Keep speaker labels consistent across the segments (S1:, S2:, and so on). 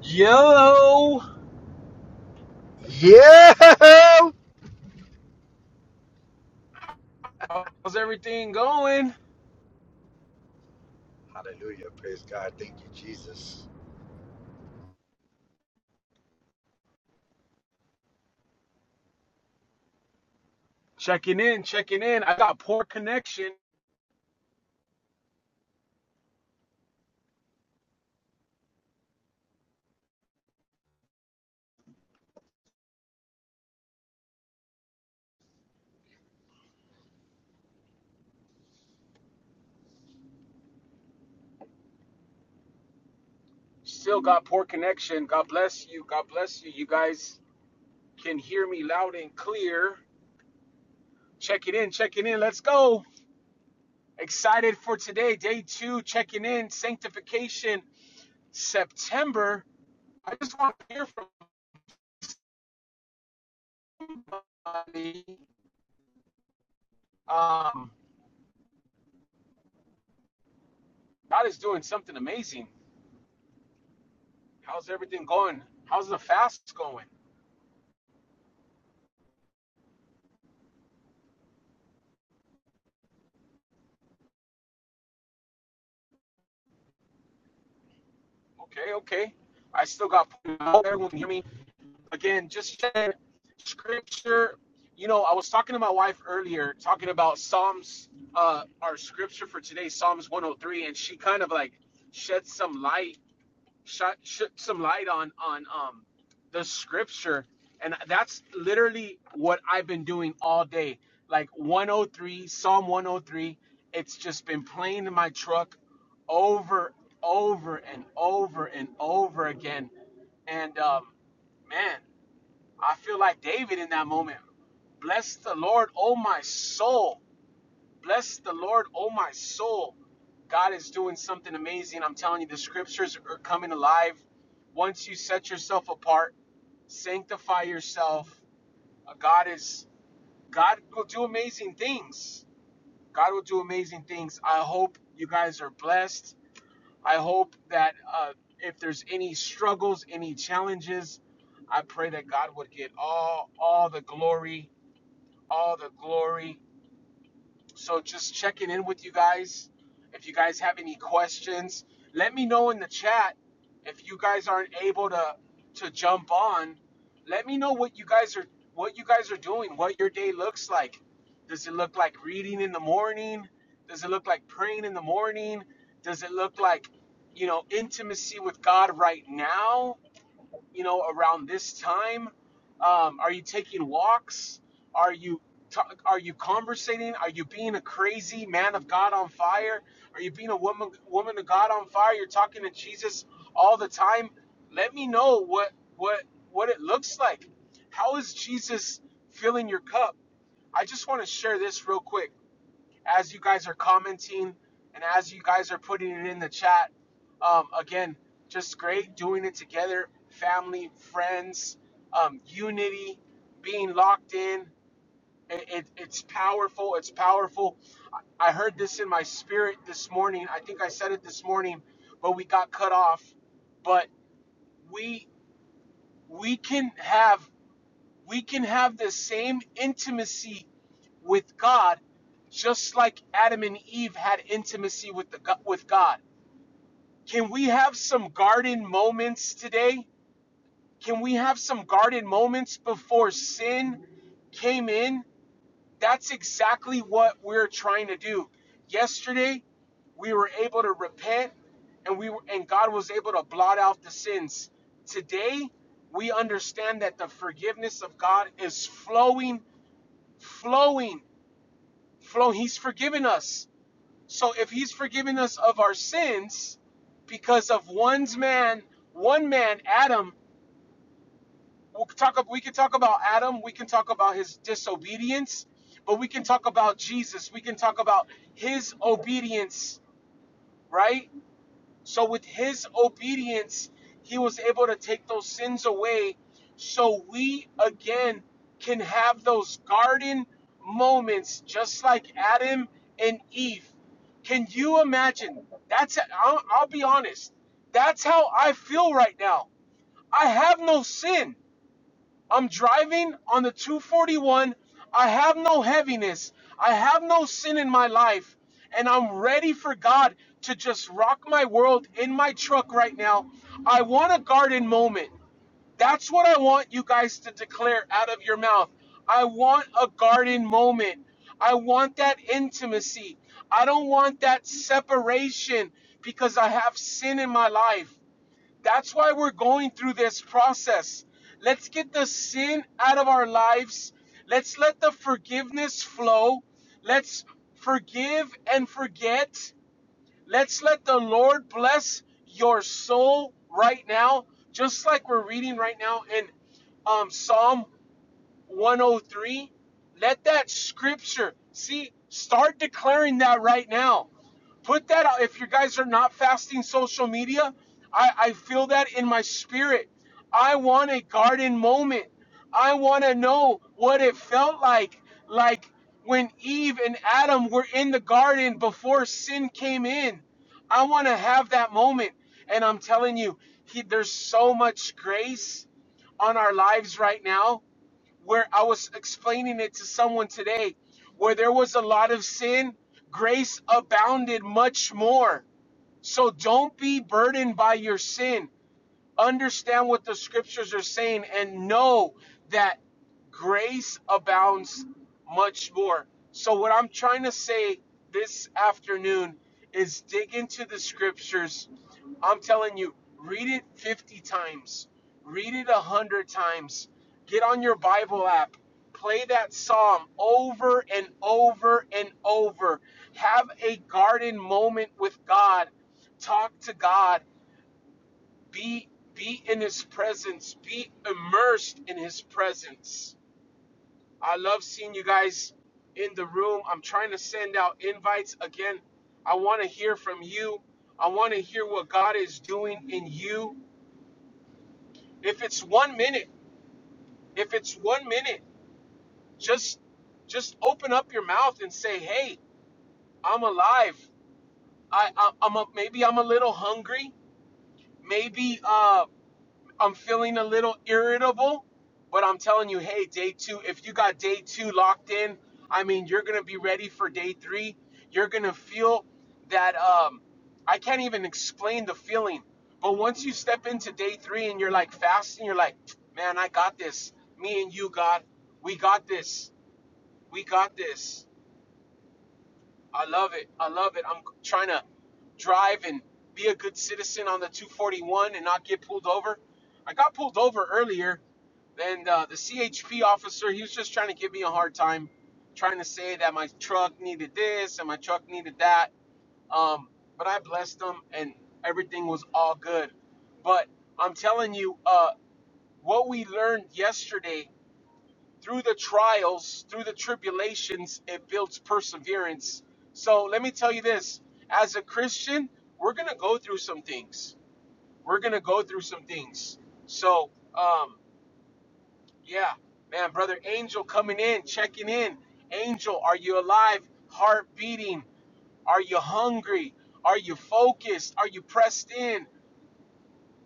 S1: Yo,
S2: Yeah.
S1: how's everything going?
S2: Hallelujah. Praise God. Thank you, Jesus.
S1: Checking in, checking in. I got poor connection. Still got poor connection. God bless you. God bless you. You guys can hear me loud and clear. Checking in, checking in. Let's go. Excited for today, day two. Checking in, sanctification, September. I just want to hear from somebody. Um, God is doing something amazing. How's everything going? How's the fast going? Okay, okay. I still got everyone can hear me. Again, just share scripture. You know, I was talking to my wife earlier, talking about Psalms, uh, our scripture for today, Psalms 103, and she kind of like shed some light shot, shed some light on on um the scripture and that's literally what i've been doing all day like 103 psalm 103 it's just been playing in my truck over over and over and over again and um man i feel like david in that moment bless the lord oh my soul Bless the Lord, oh my soul. God is doing something amazing. I'm telling you, the scriptures are coming alive. Once you set yourself apart, sanctify yourself. Uh, God is God will do amazing things. God will do amazing things. I hope you guys are blessed. I hope that uh, if there's any struggles, any challenges, I pray that God would get all all the glory, all the glory. So just checking in with you guys. If you guys have any questions, let me know in the chat. If you guys aren't able to to jump on, let me know what you guys are what you guys are doing, what your day looks like. Does it look like reading in the morning? Does it look like praying in the morning? Does it look like, you know, intimacy with God right now? you know, around this time? Um, are you taking walks? Are you ta are you conversating? Are you being a crazy man of God on fire? Are you being a woman woman of God on fire? You're talking to Jesus all the time. Let me know what what what it looks like. How is Jesus filling your cup? I just want to share this real quick as you guys are commenting and as you guys are putting it in the chat. Um, again, just great doing it together, family, friends, um, unity, being locked in. It, it, it's powerful. It's powerful. I, I heard this in my spirit this morning. I think I said it this morning, but we got cut off. But we we can have we can have the same intimacy with God just like Adam and Eve had intimacy with the with God. Can we have some garden moments today? Can we have some garden moments before sin came in? That's exactly what we're trying to do. Yesterday, we were able to repent and we were, and God was able to blot out the sins. Today, we understand that the forgiveness of God is flowing flowing, flowing. He's forgiven us. So if he's forgiven us of our sins because of one's man, one man, Adam, we'll talk, we can talk about Adam, we can talk about his disobedience, but we can talk about Jesus. We can talk about his obedience, right? So with his obedience, he was able to take those sins away so we again can have those garden moments just like Adam and Eve. Can you imagine? That's I'll, I'll be honest. That's how I feel right now. I have no sin. I'm driving on the 241. I have no heaviness. I have no sin in my life. And I'm ready for God to just rock my world in my truck right now. I want a garden moment. That's what I want you guys to declare out of your mouth. I want a garden moment. I want that intimacy. I don't want that separation because I have sin in my life. That's why we're going through this process. Let's get the sin out of our lives. Let's let the forgiveness flow. Let's forgive and forget. Let's let the Lord bless your soul right now, just like we're reading right now in um, Psalm 103. Let that scripture, see, start declaring that right now. Put that out. If you guys are not fasting social media, I, I feel that in my spirit. I want a garden moment. I want to know what it felt like, like when Eve and Adam were in the garden before sin came in. I want to have that moment. And I'm telling you, he, there's so much grace on our lives right now where I was explaining it to someone today, where there was a lot of sin, grace abounded much more. So don't be burdened by your sin understand what the scriptures are saying and know that grace abounds much more. So, what I'm trying to say this afternoon is dig into the scriptures. I'm telling you, read it 50 times, read it 100 times, get on your Bible app. Play that psalm over and over and over. Have a garden moment with God. Talk to God be be in his presence. Be immersed in his presence. I love seeing you guys in the room. I'm trying to send out invites again. I want to hear from you. I want to hear what God is doing in you. If it's 1 minute, if it's 1 minute, just just open up your mouth and say, "Hey, I'm alive. I, I I'm a, maybe I'm a little hungry. Maybe uh I'm feeling a little irritable, but I'm telling you, hey, day two, if you got day two locked in, I mean, you're going to be ready for day three. You're going to feel that, um, I can't even explain the feeling. But once you step into day three and you're like fasting, you're like, man, I got this. Me and you, God, we got this. We got this. I love it. I love it. I'm trying to drive and be a good citizen on the 241 and not get pulled over. I got pulled over earlier then uh, the CHP officer, he was just trying to give me a hard time, trying to say that my truck needed this and my truck needed that. Um, but I blessed him, and everything was all good. But I'm telling you, uh, what we learned yesterday through the trials, through the tribulations, it builds perseverance. So let me tell you this as a Christian, we're going to go through some things. We're going to go through some things. So, um, yeah, man, brother Angel coming in, checking in. Angel, are you alive? Heart beating. Are you hungry? Are you focused? Are you pressed in?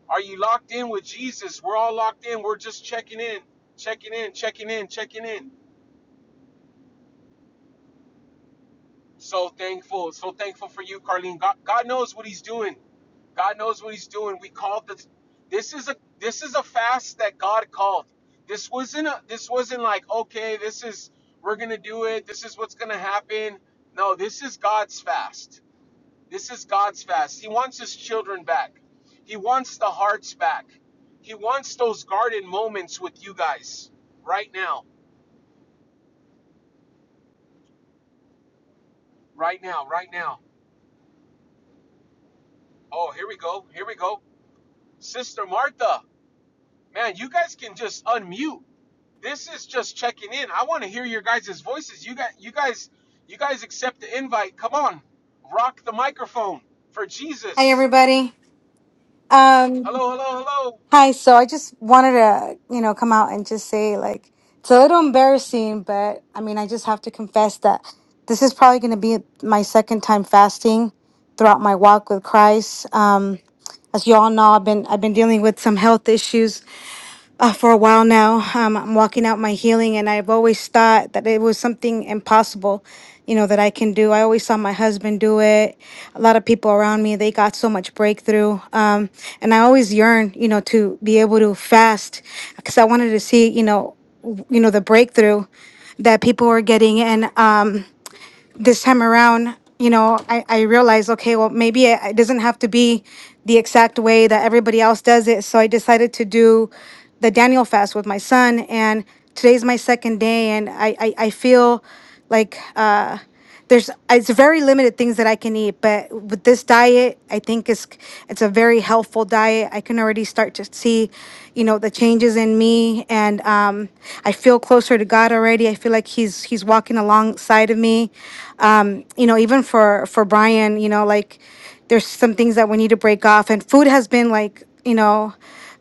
S1: Are you locked in with Jesus? We're all locked in. We're just checking in, checking in, checking in, checking in. So thankful, so thankful for you, Carlene. God, God knows what He's doing. God knows what He's doing. We called the. This is a this is a fast that God called. This wasn't a, this wasn't like okay, this is we're gonna do it. This is what's gonna happen. No, this is God's fast. This is God's fast. He wants His children back. He wants the hearts back. He wants those garden moments with you guys right now, right now, right now. Oh, here we go. Here we go. Sister Martha. man, you guys can just unmute. This is just checking in. I want to hear your guys' voices. You got you guys you guys accept the invite. Come on. Rock the microphone for
S3: Hi,
S1: Jesus.
S3: everybody. Um,
S1: Hello, hello, hello.
S3: hi. So I just wanted to, you know, come out and just say, like, it's a little embarrassing, but I mean, I just have to confess that this is probably going to be my second time fasting throughout my walk with Christ. Um, as you all know, I've been I've been dealing with some health issues uh, for a while now. Um, I'm walking out my healing, and I've always thought that it was something impossible, you know, that I can do. I always saw my husband do it. A lot of people around me, they got so much breakthrough. Um, and I always yearned, you know, to be able to fast because I wanted to see, you know, w- you know, the breakthrough that people were getting. And um, this time around, you know, I, I realized, okay, well, maybe it, it doesn't have to be the exact way that everybody else does it. So I decided to do the Daniel fast with my son. And today's my second day. And I, I, I feel like uh, there's, it's very limited things that I can eat. But with this diet, I think it's, it's a very helpful diet. I can already start to see, you know, the changes in me. And um, I feel closer to God already. I feel like he's, he's walking alongside of me um, you know, even for for Brian, you know, like there's some things that we need to break off, and food has been like, you know,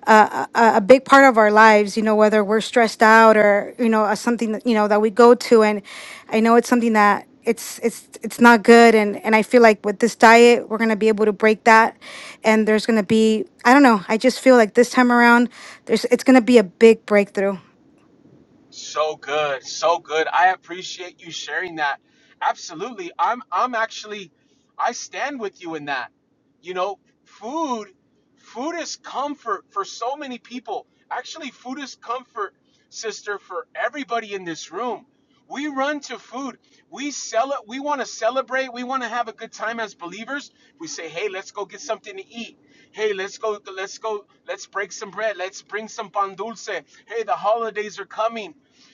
S3: a, a a big part of our lives. You know, whether we're stressed out or you know, uh, something that you know that we go to, and I know it's something that it's it's it's not good, and and I feel like with this diet, we're gonna be able to break that, and there's gonna be I don't know, I just feel like this time around, there's it's gonna be a big breakthrough.
S1: So good, so good. I appreciate you sharing that. Absolutely. I'm I'm actually I stand with you in that. You know, food food is comfort for so many people. Actually, food is comfort, sister, for everybody in this room. We run to food. We sell it. We want to celebrate. We want to have a good time as believers. We say, "Hey, let's go get something to eat. Hey, let's go let's go let's break some bread. Let's bring some pan dulce. Hey, the holidays are coming."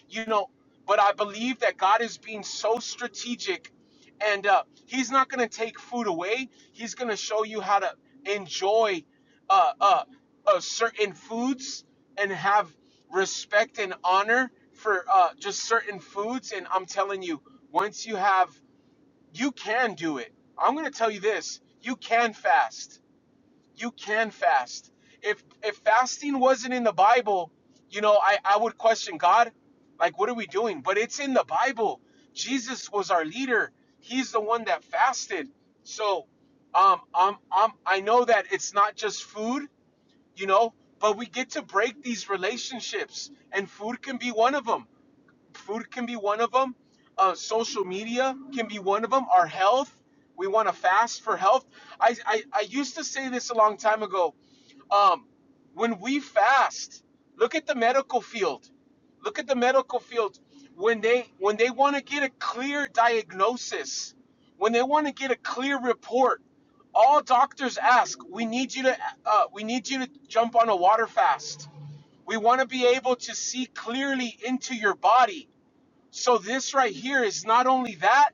S1: you know but i believe that god is being so strategic and uh, he's not going to take food away he's going to show you how to enjoy uh, uh, uh, certain foods and have respect and honor for uh, just certain foods and i'm telling you once you have you can do it i'm going to tell you this you can fast you can fast. If if fasting wasn't in the Bible, you know, I, I would question God, like what are we doing? But it's in the Bible. Jesus was our leader. He's the one that fasted. So um um um I know that it's not just food, you know, but we get to break these relationships and food can be one of them food can be one of them. Uh, social media can be one of them. Our health, we want to fast for health. I, I, I used to say this a long time ago. Um, when we fast, look at the medical field. Look at the medical field. When they when they want to get a clear diagnosis, when they want to get a clear report, all doctors ask, we need you to uh, we need you to jump on a water fast. We want to be able to see clearly into your body so this right here is not only that,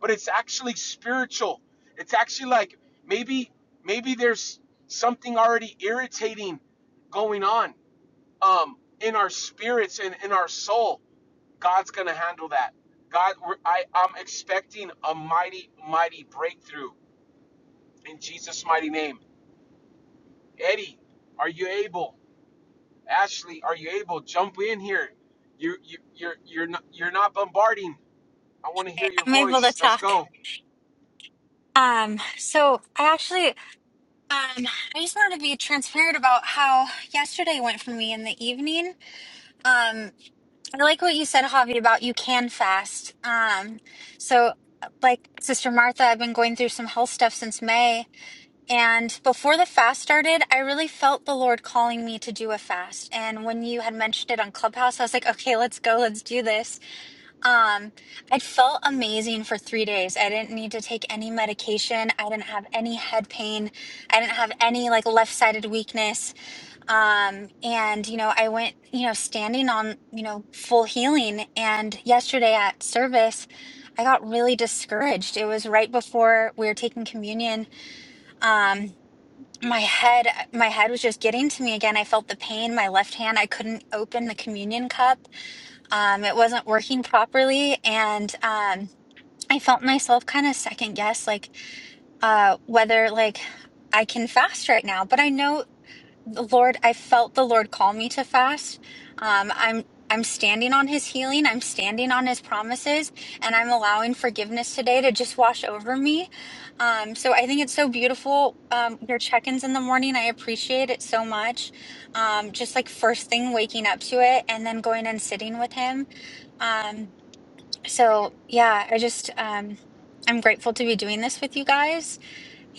S1: but it's actually spiritual. It's actually like maybe maybe there's something already irritating going on um, in our spirits and in our soul. God's gonna handle that. God, we're, I I'm expecting a mighty mighty breakthrough in Jesus' mighty name. Eddie, are you able? Ashley, are you able? Jump in here. You you you're you're not you're not bombarding. I want to hear your
S4: I'm able to
S1: voice. Let's
S4: talk.
S1: go.
S4: Um, so I actually, um, I just wanted to be transparent about how yesterday went for me in the evening. Um, I like what you said, Javi, about you can fast. Um, so like Sister Martha, I've been going through some health stuff since May, and before the fast started, I really felt the Lord calling me to do a fast. And when you had mentioned it on Clubhouse, I was like, okay, let's go, let's do this Um, I felt amazing for three days. I didn't need to take any medication. I didn't have any head pain. I didn't have any like left sided weakness. Um, and you know, I went, you know, standing on, you know, full healing. And yesterday at service, I got really discouraged. It was right before we were taking communion. Um, my head my head was just getting to me again i felt the pain my left hand i couldn't open the communion cup um, it wasn't working properly and um, i felt myself kind of second guess like uh, whether like i can fast right now but i know the lord i felt the lord call me to fast um, i'm i'm standing on his healing i'm standing on his promises and i'm allowing forgiveness today to just wash over me um, so i think it's so beautiful um, your check-ins in the morning i appreciate it so much um, just like first thing waking up to it and then going and sitting with him Um, so yeah, I just um I'm grateful to be doing this with you guys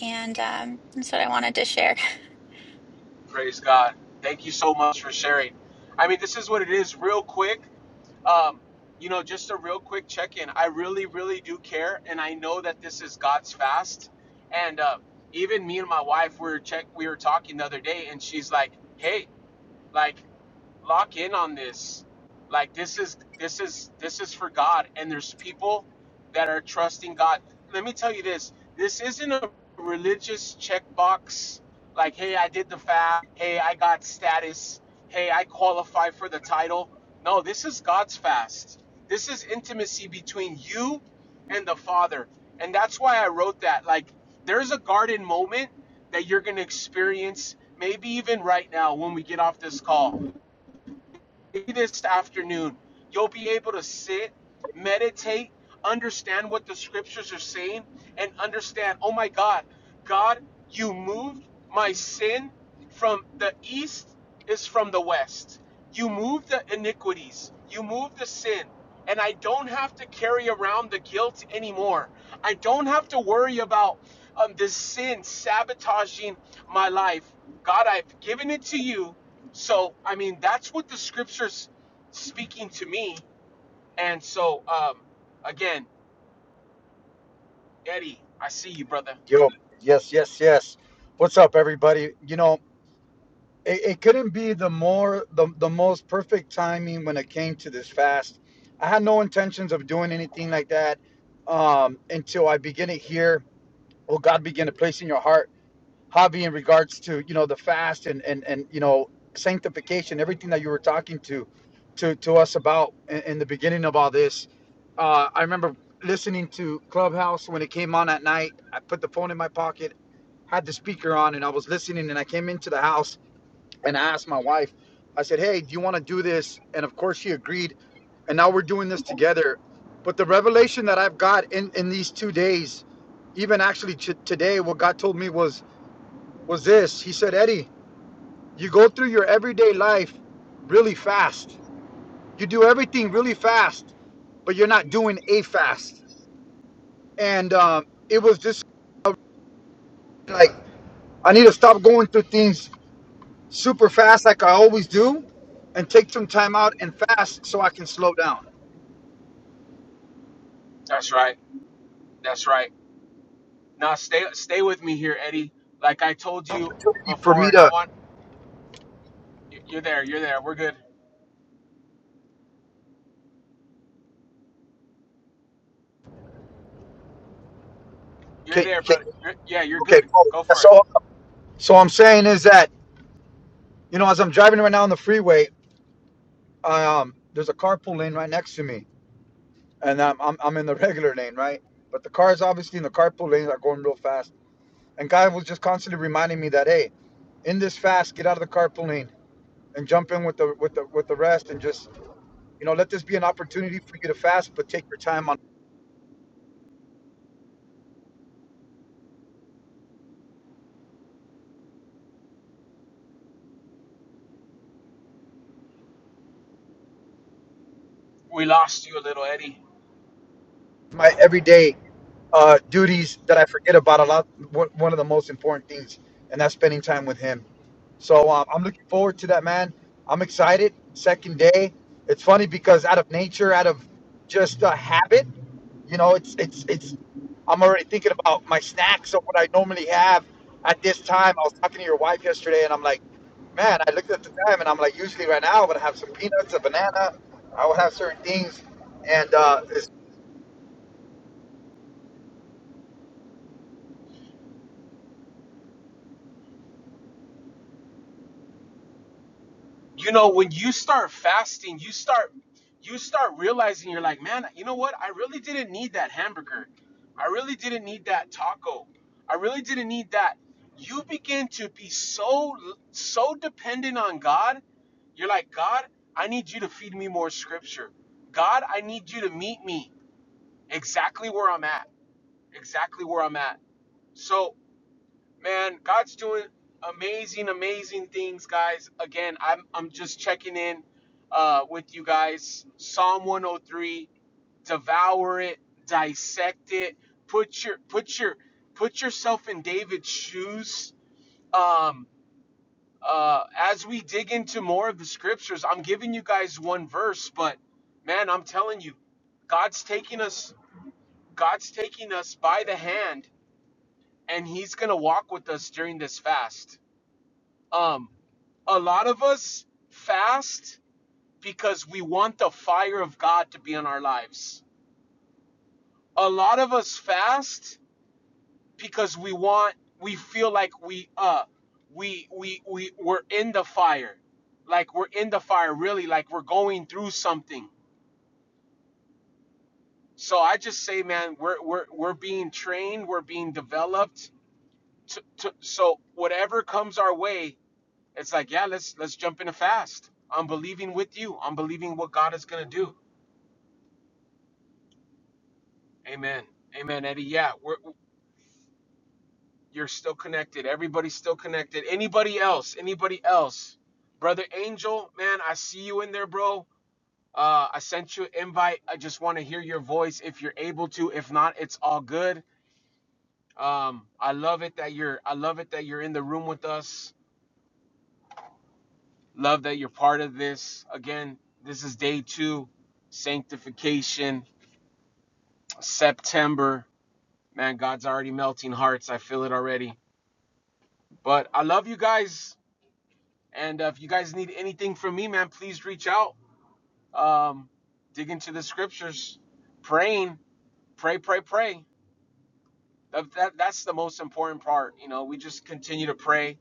S4: and um that's what I wanted to share.
S1: Praise God. Thank you so much for sharing. I mean, this is what it is, real quick. Um, you know, just a real quick check in. I really, really do care, and I know that this is God's fast. And uh, even me and my wife we were check, we were talking the other day, and she's like, "Hey, like." lock in on this. Like this is this is this is for God, and there's people that are trusting God. Let me tell you this: this isn't a religious checkbox. Like, hey, I did the fast. Hey, I got status. Hey, I qualify for the title. No, this is God's fast. This is intimacy between you and the Father, and that's why I wrote that. Like, there's a garden moment that you're going to experience maybe even right now when we get off this call this afternoon, you'll be able to sit, meditate, understand what the scriptures are saying, and understand, oh my God, God, you moved my sin from the east is from the west. You moved the iniquities, you moved the sin. And I don't have to carry around the guilt anymore. I don't have to worry about um, this sin sabotaging my life. God, I've given it to you so, I mean, that's what the scripture's speaking to me. And so, um, again, Eddie, I see you, brother.
S2: Yo, yes, yes, yes. What's up, everybody? You know, it, it couldn't be the more the, the most perfect timing when it came to this fast. I had no intentions of doing anything like that um, until I begin to hear, oh God, begin to place in your heart. Javi, in regards to you know the fast and and and you know sanctification, everything that you were talking to to to us about in, in the beginning of all this. Uh, I remember listening to Clubhouse when it came on at night. I put the phone in my pocket, had the speaker on, and I was listening. And I came into the house and I asked my wife. I said, "Hey, do you want to do this?" And of course, she agreed. And now we're doing this together. But the revelation that I've got in in these two days, even actually t- today, what God told me was was this. He said, Eddie, you go through your everyday life really fast. You do everything really fast, but you're not doing a fast. And um, it was just like, I need to stop going through things super fast like I always do and take some time out and fast so I can slow down.
S1: That's right. That's right. Now, stay, stay with me here, Eddie. Like I told you
S2: For
S1: before,
S2: me
S1: and I
S2: to,
S1: want y- you're there. You're there. We're good. You're
S2: can,
S1: there,
S2: can,
S1: but yeah, you're
S2: okay,
S1: good.
S2: cool.
S1: Go for it.
S2: So, so I'm saying is that, you know, as I'm driving right now on the freeway, um, there's a carpool lane right next to me and I'm, I'm I'm in the regular lane, right? But the cars obviously in the carpool lanes are going real fast. And guy was just constantly reminding me that hey, in this fast, get out of the carpool lane and jump in with the with the with the rest, and just you know let this be an opportunity for you to fast, but take your time on
S1: We lost you a little, Eddie.
S2: my everyday uh, duties that I forget about a lot. One one of the most important things, and that's spending time with him. So um, I'm looking forward to that, man. I'm excited. Second day. It's funny because out of nature, out of just a habit, you know, it's it's it's. I'm already thinking about my snacks of what I normally have at this time. I was talking to your wife yesterday, and I'm like, man, I looked at the time, and I'm like, usually right now I would have some peanuts, a banana. I would have certain things. And uh, it's,
S1: you know when you start fasting you start you start realizing you're like man you know what i really didn't need that hamburger i really didn't need that taco i really didn't need that you begin to be so so dependent on god you're like god i need you to feed me more scripture god i need you to meet me exactly where i'm at exactly where i'm at so Man, God's doing amazing, amazing things, guys. Again, I'm I'm just checking in uh, with you guys. Psalm 103, devour it, dissect it, put your put your put yourself in David's shoes. Um, uh, as we dig into more of the scriptures, I'm giving you guys one verse, but man, I'm telling you, God's taking us God's taking us by the hand, and He's gonna walk with us during this fast Um, a lot of us fast because we want the fire of God to be in our lives. A lot of us fast because we want we feel like we uh we we we we're in the fire. Like we're in the fire really like we're going through something. So I just say man, we're we're we're being trained, we're being developed to, to so whatever comes our way, It's like, yeah, let's let's jump in a fast. I'm believing with you. I'm believing what God is gonna do. Amen. Amen, Eddie. Yeah, we're you're still connected. Everybody's still connected. Anybody else? Anybody else? Brother Angel, man, I see you in there, bro. Uh, I sent you an invite. I just want to hear your voice if you're able to. If not, it's all good. Um, I love it that you're. I love it that you're in the room with us. Love that you're part of this. Again, this is day two, sanctification September. Man, God's already melting hearts. I feel it already. But I love you guys. And uh, if you guys need anything from me, man, please reach out. Um, dig into the scriptures, praying, pray, pray, pray. That, that, that's the most important part. You know, we just continue to pray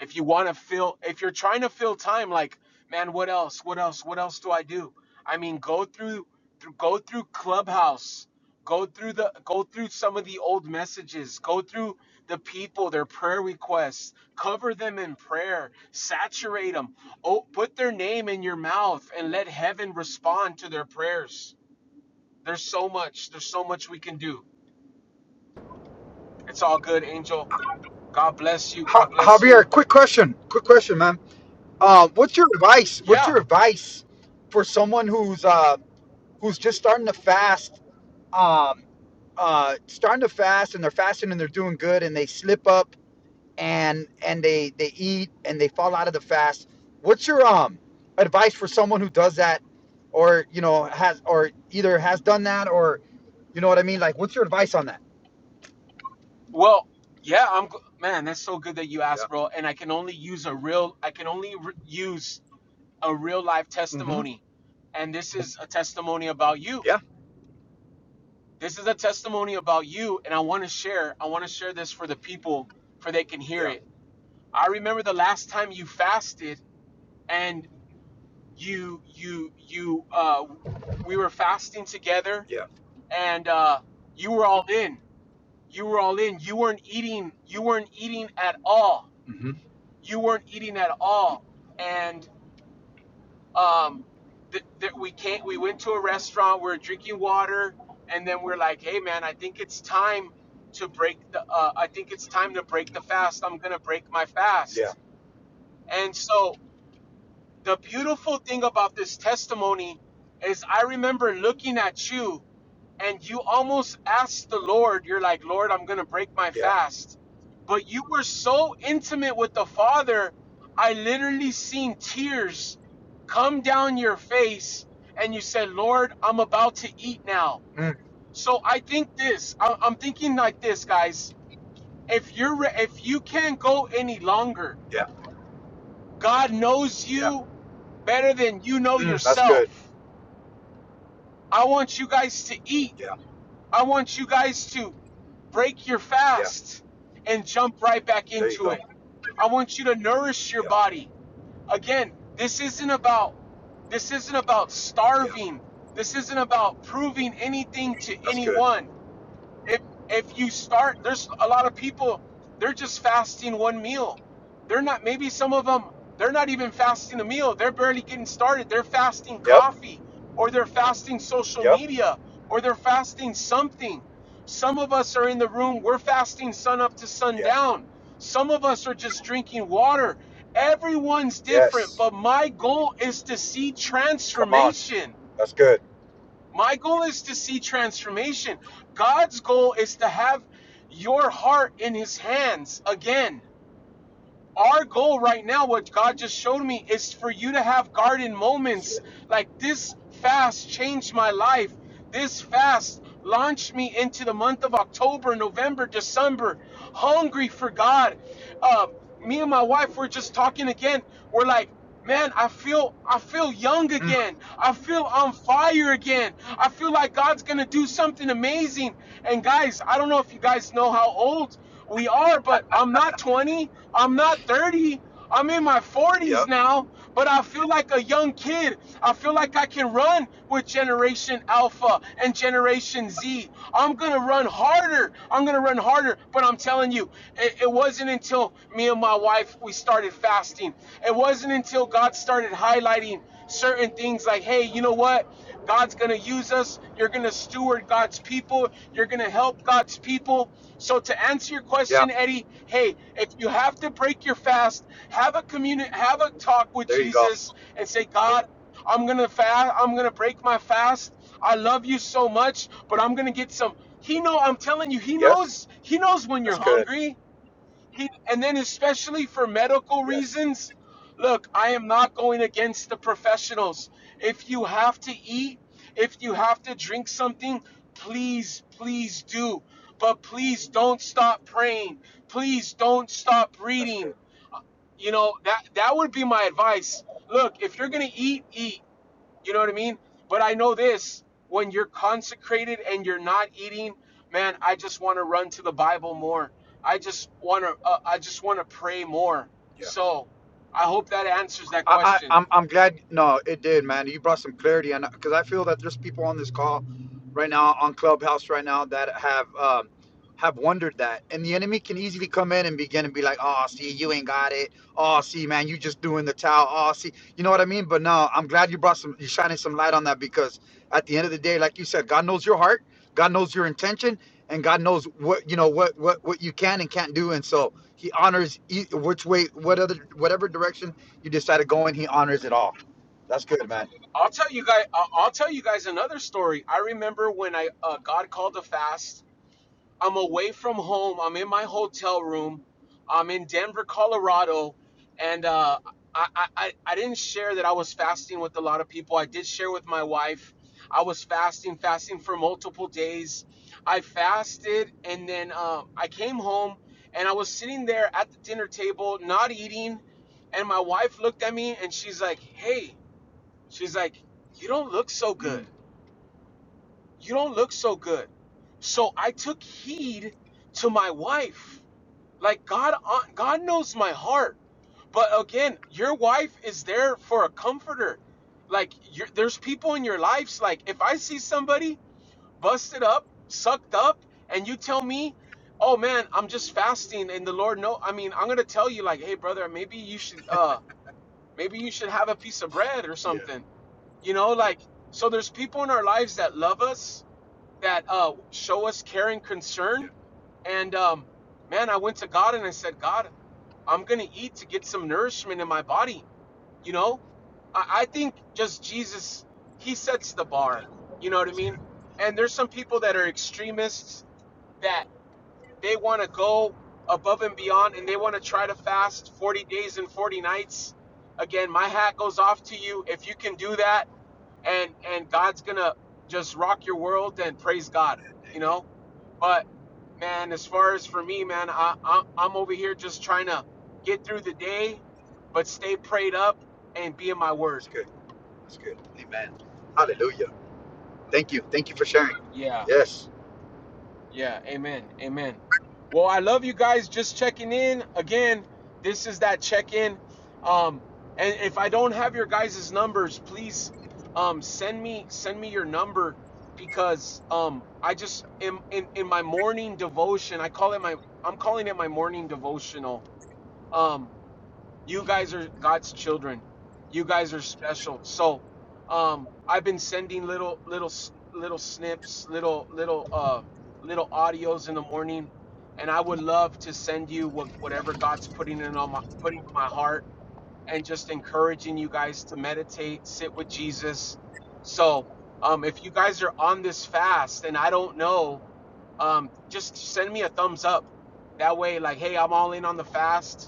S1: If you want to fill, if you're trying to fill time, like, man, what else? What else? What else do I do? I mean, go through, through go through Clubhouse, go through the, go through some of the old messages, go through the people, their prayer requests, cover them in prayer, saturate them, oh, put their name in your mouth, and let heaven respond to their prayers. There's so much. There's so much we can do. It's all good, Angel. God bless you.
S2: Ja-
S1: God bless you.
S2: Javier, quick question, quick question, man. Uh, what's your advice? What's
S1: Yeah.
S2: your advice for someone who's uh who's just starting to fast, um, uh, starting to fast, and they're fasting and they're doing good, and they slip up and and they they eat and they fall out of the fast. What's your um advice for someone who does that, or you know has or either has done that or you know what I mean? Like, what's your advice on that?
S1: Well, yeah, I'm g- man. That's so good that you
S2: Yeah.
S1: asked, bro. And I can only use a real. I can only re- use a real life
S2: Mm-hmm.
S1: testimony, and this is a testimony about you.
S2: Yeah.
S1: This is a testimony about you, and I want to share. I want to share this for the people, for they can hear
S2: Yeah.
S1: it. I remember the last time you fasted, and you, you, you. Uh, we were fasting together,
S2: Yeah.
S1: and uh, you were all in. You were all in. You weren't eating. You weren't eating at all
S2: Mm-hmm.
S1: you weren't eating at all and um th- th- we can't we went to a restaurant we are drinking water and then we're like hey man i think it's time to break the uh, i think it's time to break the fast i'm gonna break my
S2: Yeah.
S1: fast and so the beautiful thing about this testimony is i remember looking at you and you almost asked the Lord, you're like, Lord, I'm going to break my
S2: Yeah.
S1: fast. But you were so intimate with the Father, I literally seen tears come down your face, and you said, Lord, I'm about to eat now.
S2: Mm,
S1: So I think this, I- I'm thinking like this, guys. If you're, re- if you can't go any longer,
S2: Yeah.
S1: God knows
S2: Yeah.
S1: you better than you know
S2: mm, That's
S1: yourself.
S2: good.
S1: I want you guys to eat
S2: Yeah.
S1: I want you guys to break your
S2: Yeah.
S1: fast and jump right back
S2: There you
S1: into
S2: go.
S1: it. I want you to nourish your
S2: Yeah.
S1: body. Again, this isn't about this isn't about
S2: Yeah.
S1: starving. This isn't about proving anything to
S2: That's good.
S1: anyone if you start there's a lot of people they're just fasting one meal they're not maybe some of them they're not even fasting a meal they're barely getting started they're fasting
S2: Yep.
S1: coffee or they're fasting social
S2: Yep.
S1: media or they're fasting something some of us are in the room we're fasting sun up to
S2: Yeah.
S1: sundown some of us are just drinking water everyone's different
S2: Yes.
S1: but my goal is to see
S2: Come on.
S1: transformation
S2: That's good.
S1: my goal is to see transformation. God's goal is to have your heart in His hands again. Our goal right now, what God just showed me, is for you to have garden
S2: That's
S1: moments
S2: good.
S1: like this fast changed my life. This fast launched me into the month of October, November, December, hungry for God. Uh, me and my wife were just talking again. We're like, Man, I feel I feel young
S2: Mm,
S1: again. I feel on fire again. I feel like God's going to do something amazing. And guys, I don't know if you guys know how old we are, but I'm not 20. I'm not 30. I'm in my 40s
S2: yep.
S1: now, but I feel like a young kid. I feel like I can run with Generation Alpha and Generation Z. I'm going to run harder. I'm going to run harder, but I'm telling you, it, it wasn't until me and my wife life, we started fasting. It wasn't until God started highlighting certain things like, hey, you know what? God's going to use us. You're going to steward God's people. You're going to help God's people. So, to answer your
S2: Yeah.
S1: question, Eddie, hey, if you have to break your fast, have a communi- have a talk with
S2: There you go.
S1: Jesus and say, God, I'm gonna fast. I'm gonna break my fast. I love you so much, but I'm gonna get some. He know. I'm telling you, he
S2: Yes.
S1: knows. He knows when
S2: That's
S1: you're
S2: good.
S1: hungry. He, and then especially for medical
S2: Yes.
S1: reasons, look, I am not going against the professionals. If you have to eat, if you have to drink something, please, please do. But please don't stop praying. Please don't stop
S2: That's
S1: reading.
S2: good.
S1: You know, that that would be my advice. Look, if you're going to eat, eat. You know what I mean? But I know this when you're consecrated and you're not eating, man, I just want to run to the Bible more. I just want to uh, I just want to pray more.
S2: Yeah.
S1: So, I hope that answers that
S2: I, I
S1: question.
S2: I'm I'm glad. No, it did, man. You brought some clarity, and because I feel that there's people on this call right now on Clubhouse right now that have um, have wondered that, and the enemy can easily come in and begin and be like, "Oh, see, you ain't got it. Oh, see, man, you just doing the towel. Oh, see, you know what I mean." But no, I'm glad you brought some, you shining some light on that because at the end of the day, like you said, God knows your heart, God knows your intention, and God knows what you know what what what you can and can't do, and so He honors e- which way, what other whatever direction you decided to go in, he honors it all. That's good, man.
S1: I'll tell you guys I'll tell you guys another story. I remember when I uh, God called a fast I'm away from home. I'm in my hotel room. I'm in Denver, Colorado, and uh, I, I I didn't share that I was fasting with a lot of people. I did share with my wife. I was fasting, fasting for multiple days. I fasted, and then uh, I came home, and I was sitting there at the dinner table, not eating, and my wife looked at me, and she's like, "Hey," she's like, "You don't look so good."
S2: Mm,
S1: you don't look so good. So I took heed to my wife. Like God, uh, God knows my heart. But again, your wife is there for a comforter. Like you're, there's people in your lives. Like if I see somebody busted up, sucked up, and you tell me, "Oh man, I'm just fasting," and the Lord know. I mean, I'm gonna tell you, like, "Hey brother, maybe you should, uh, maybe you should have a piece of bread or
S2: yeah,
S1: something." You know, like so. There's people in our lives that love us that uh, show us care and concern. And um, man, I went to God and I said, God, I'm going to eat to get some nourishment in my body. You know, I, I think just Jesus, he sets the bar. You know what I mean? And there's some people that are extremists that they want to go above and beyond and they want to try to fast 40 days and 40 nights. Again, my hat goes off to you if you can do that and and God's going to just rock your world then praise God, you know? but man, as far as for me, man, I, I I'm over here just trying to get through the day, but stay prayed up and be in my word.
S2: that's good. That's good. Amen. Hallelujah. Thank you. Thank you for sharing.
S1: Yeah,
S2: Yes.
S1: yeah, amen, amen. Well, I love you guys. Just checking in again. This is that check in. Um, and if I don't have your guys' numbers, please um send me send me your number because um I just in, in in my morning devotion. I call it my I'm calling it my morning devotional. Um, You guys are God's children. You guys are special. So, um, I've been sending little, little, s- little snips, little, little, uh, little audios in the morning, and I would love to send you what, whatever God's putting in on my, putting in my heart, and just encouraging you guys to meditate, sit with Jesus. So, um, if you guys are on this fast, and I don't know, um, just send me a thumbs up. That way, like, hey, I'm all in on the fast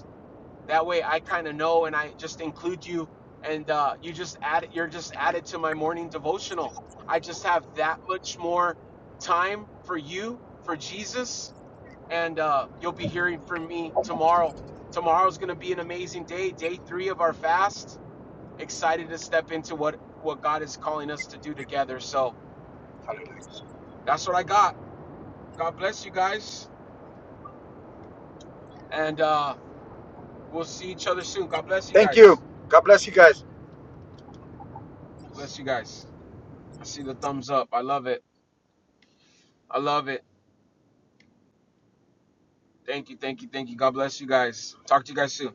S1: that way I kind of know and I just include you and uh, you just add you're just added to my morning devotional. I just have that much more time for you, for Jesus, and uh, you'll be hearing from me tomorrow. Tomorrow's going to be an amazing day, day 3 of our fast. Excited to step into what what God is calling us to do together. So
S2: Hallelujah.
S1: that's what I got. God bless you guys and uh we'll see each other soon. God bless you
S2: Thank you.
S1: guys.
S2: God bless you guys.
S1: Bless you guys. I see the thumbs up. I love it. I love it. Thank you, thank you, thank you. God bless you guys. Talk to you guys soon.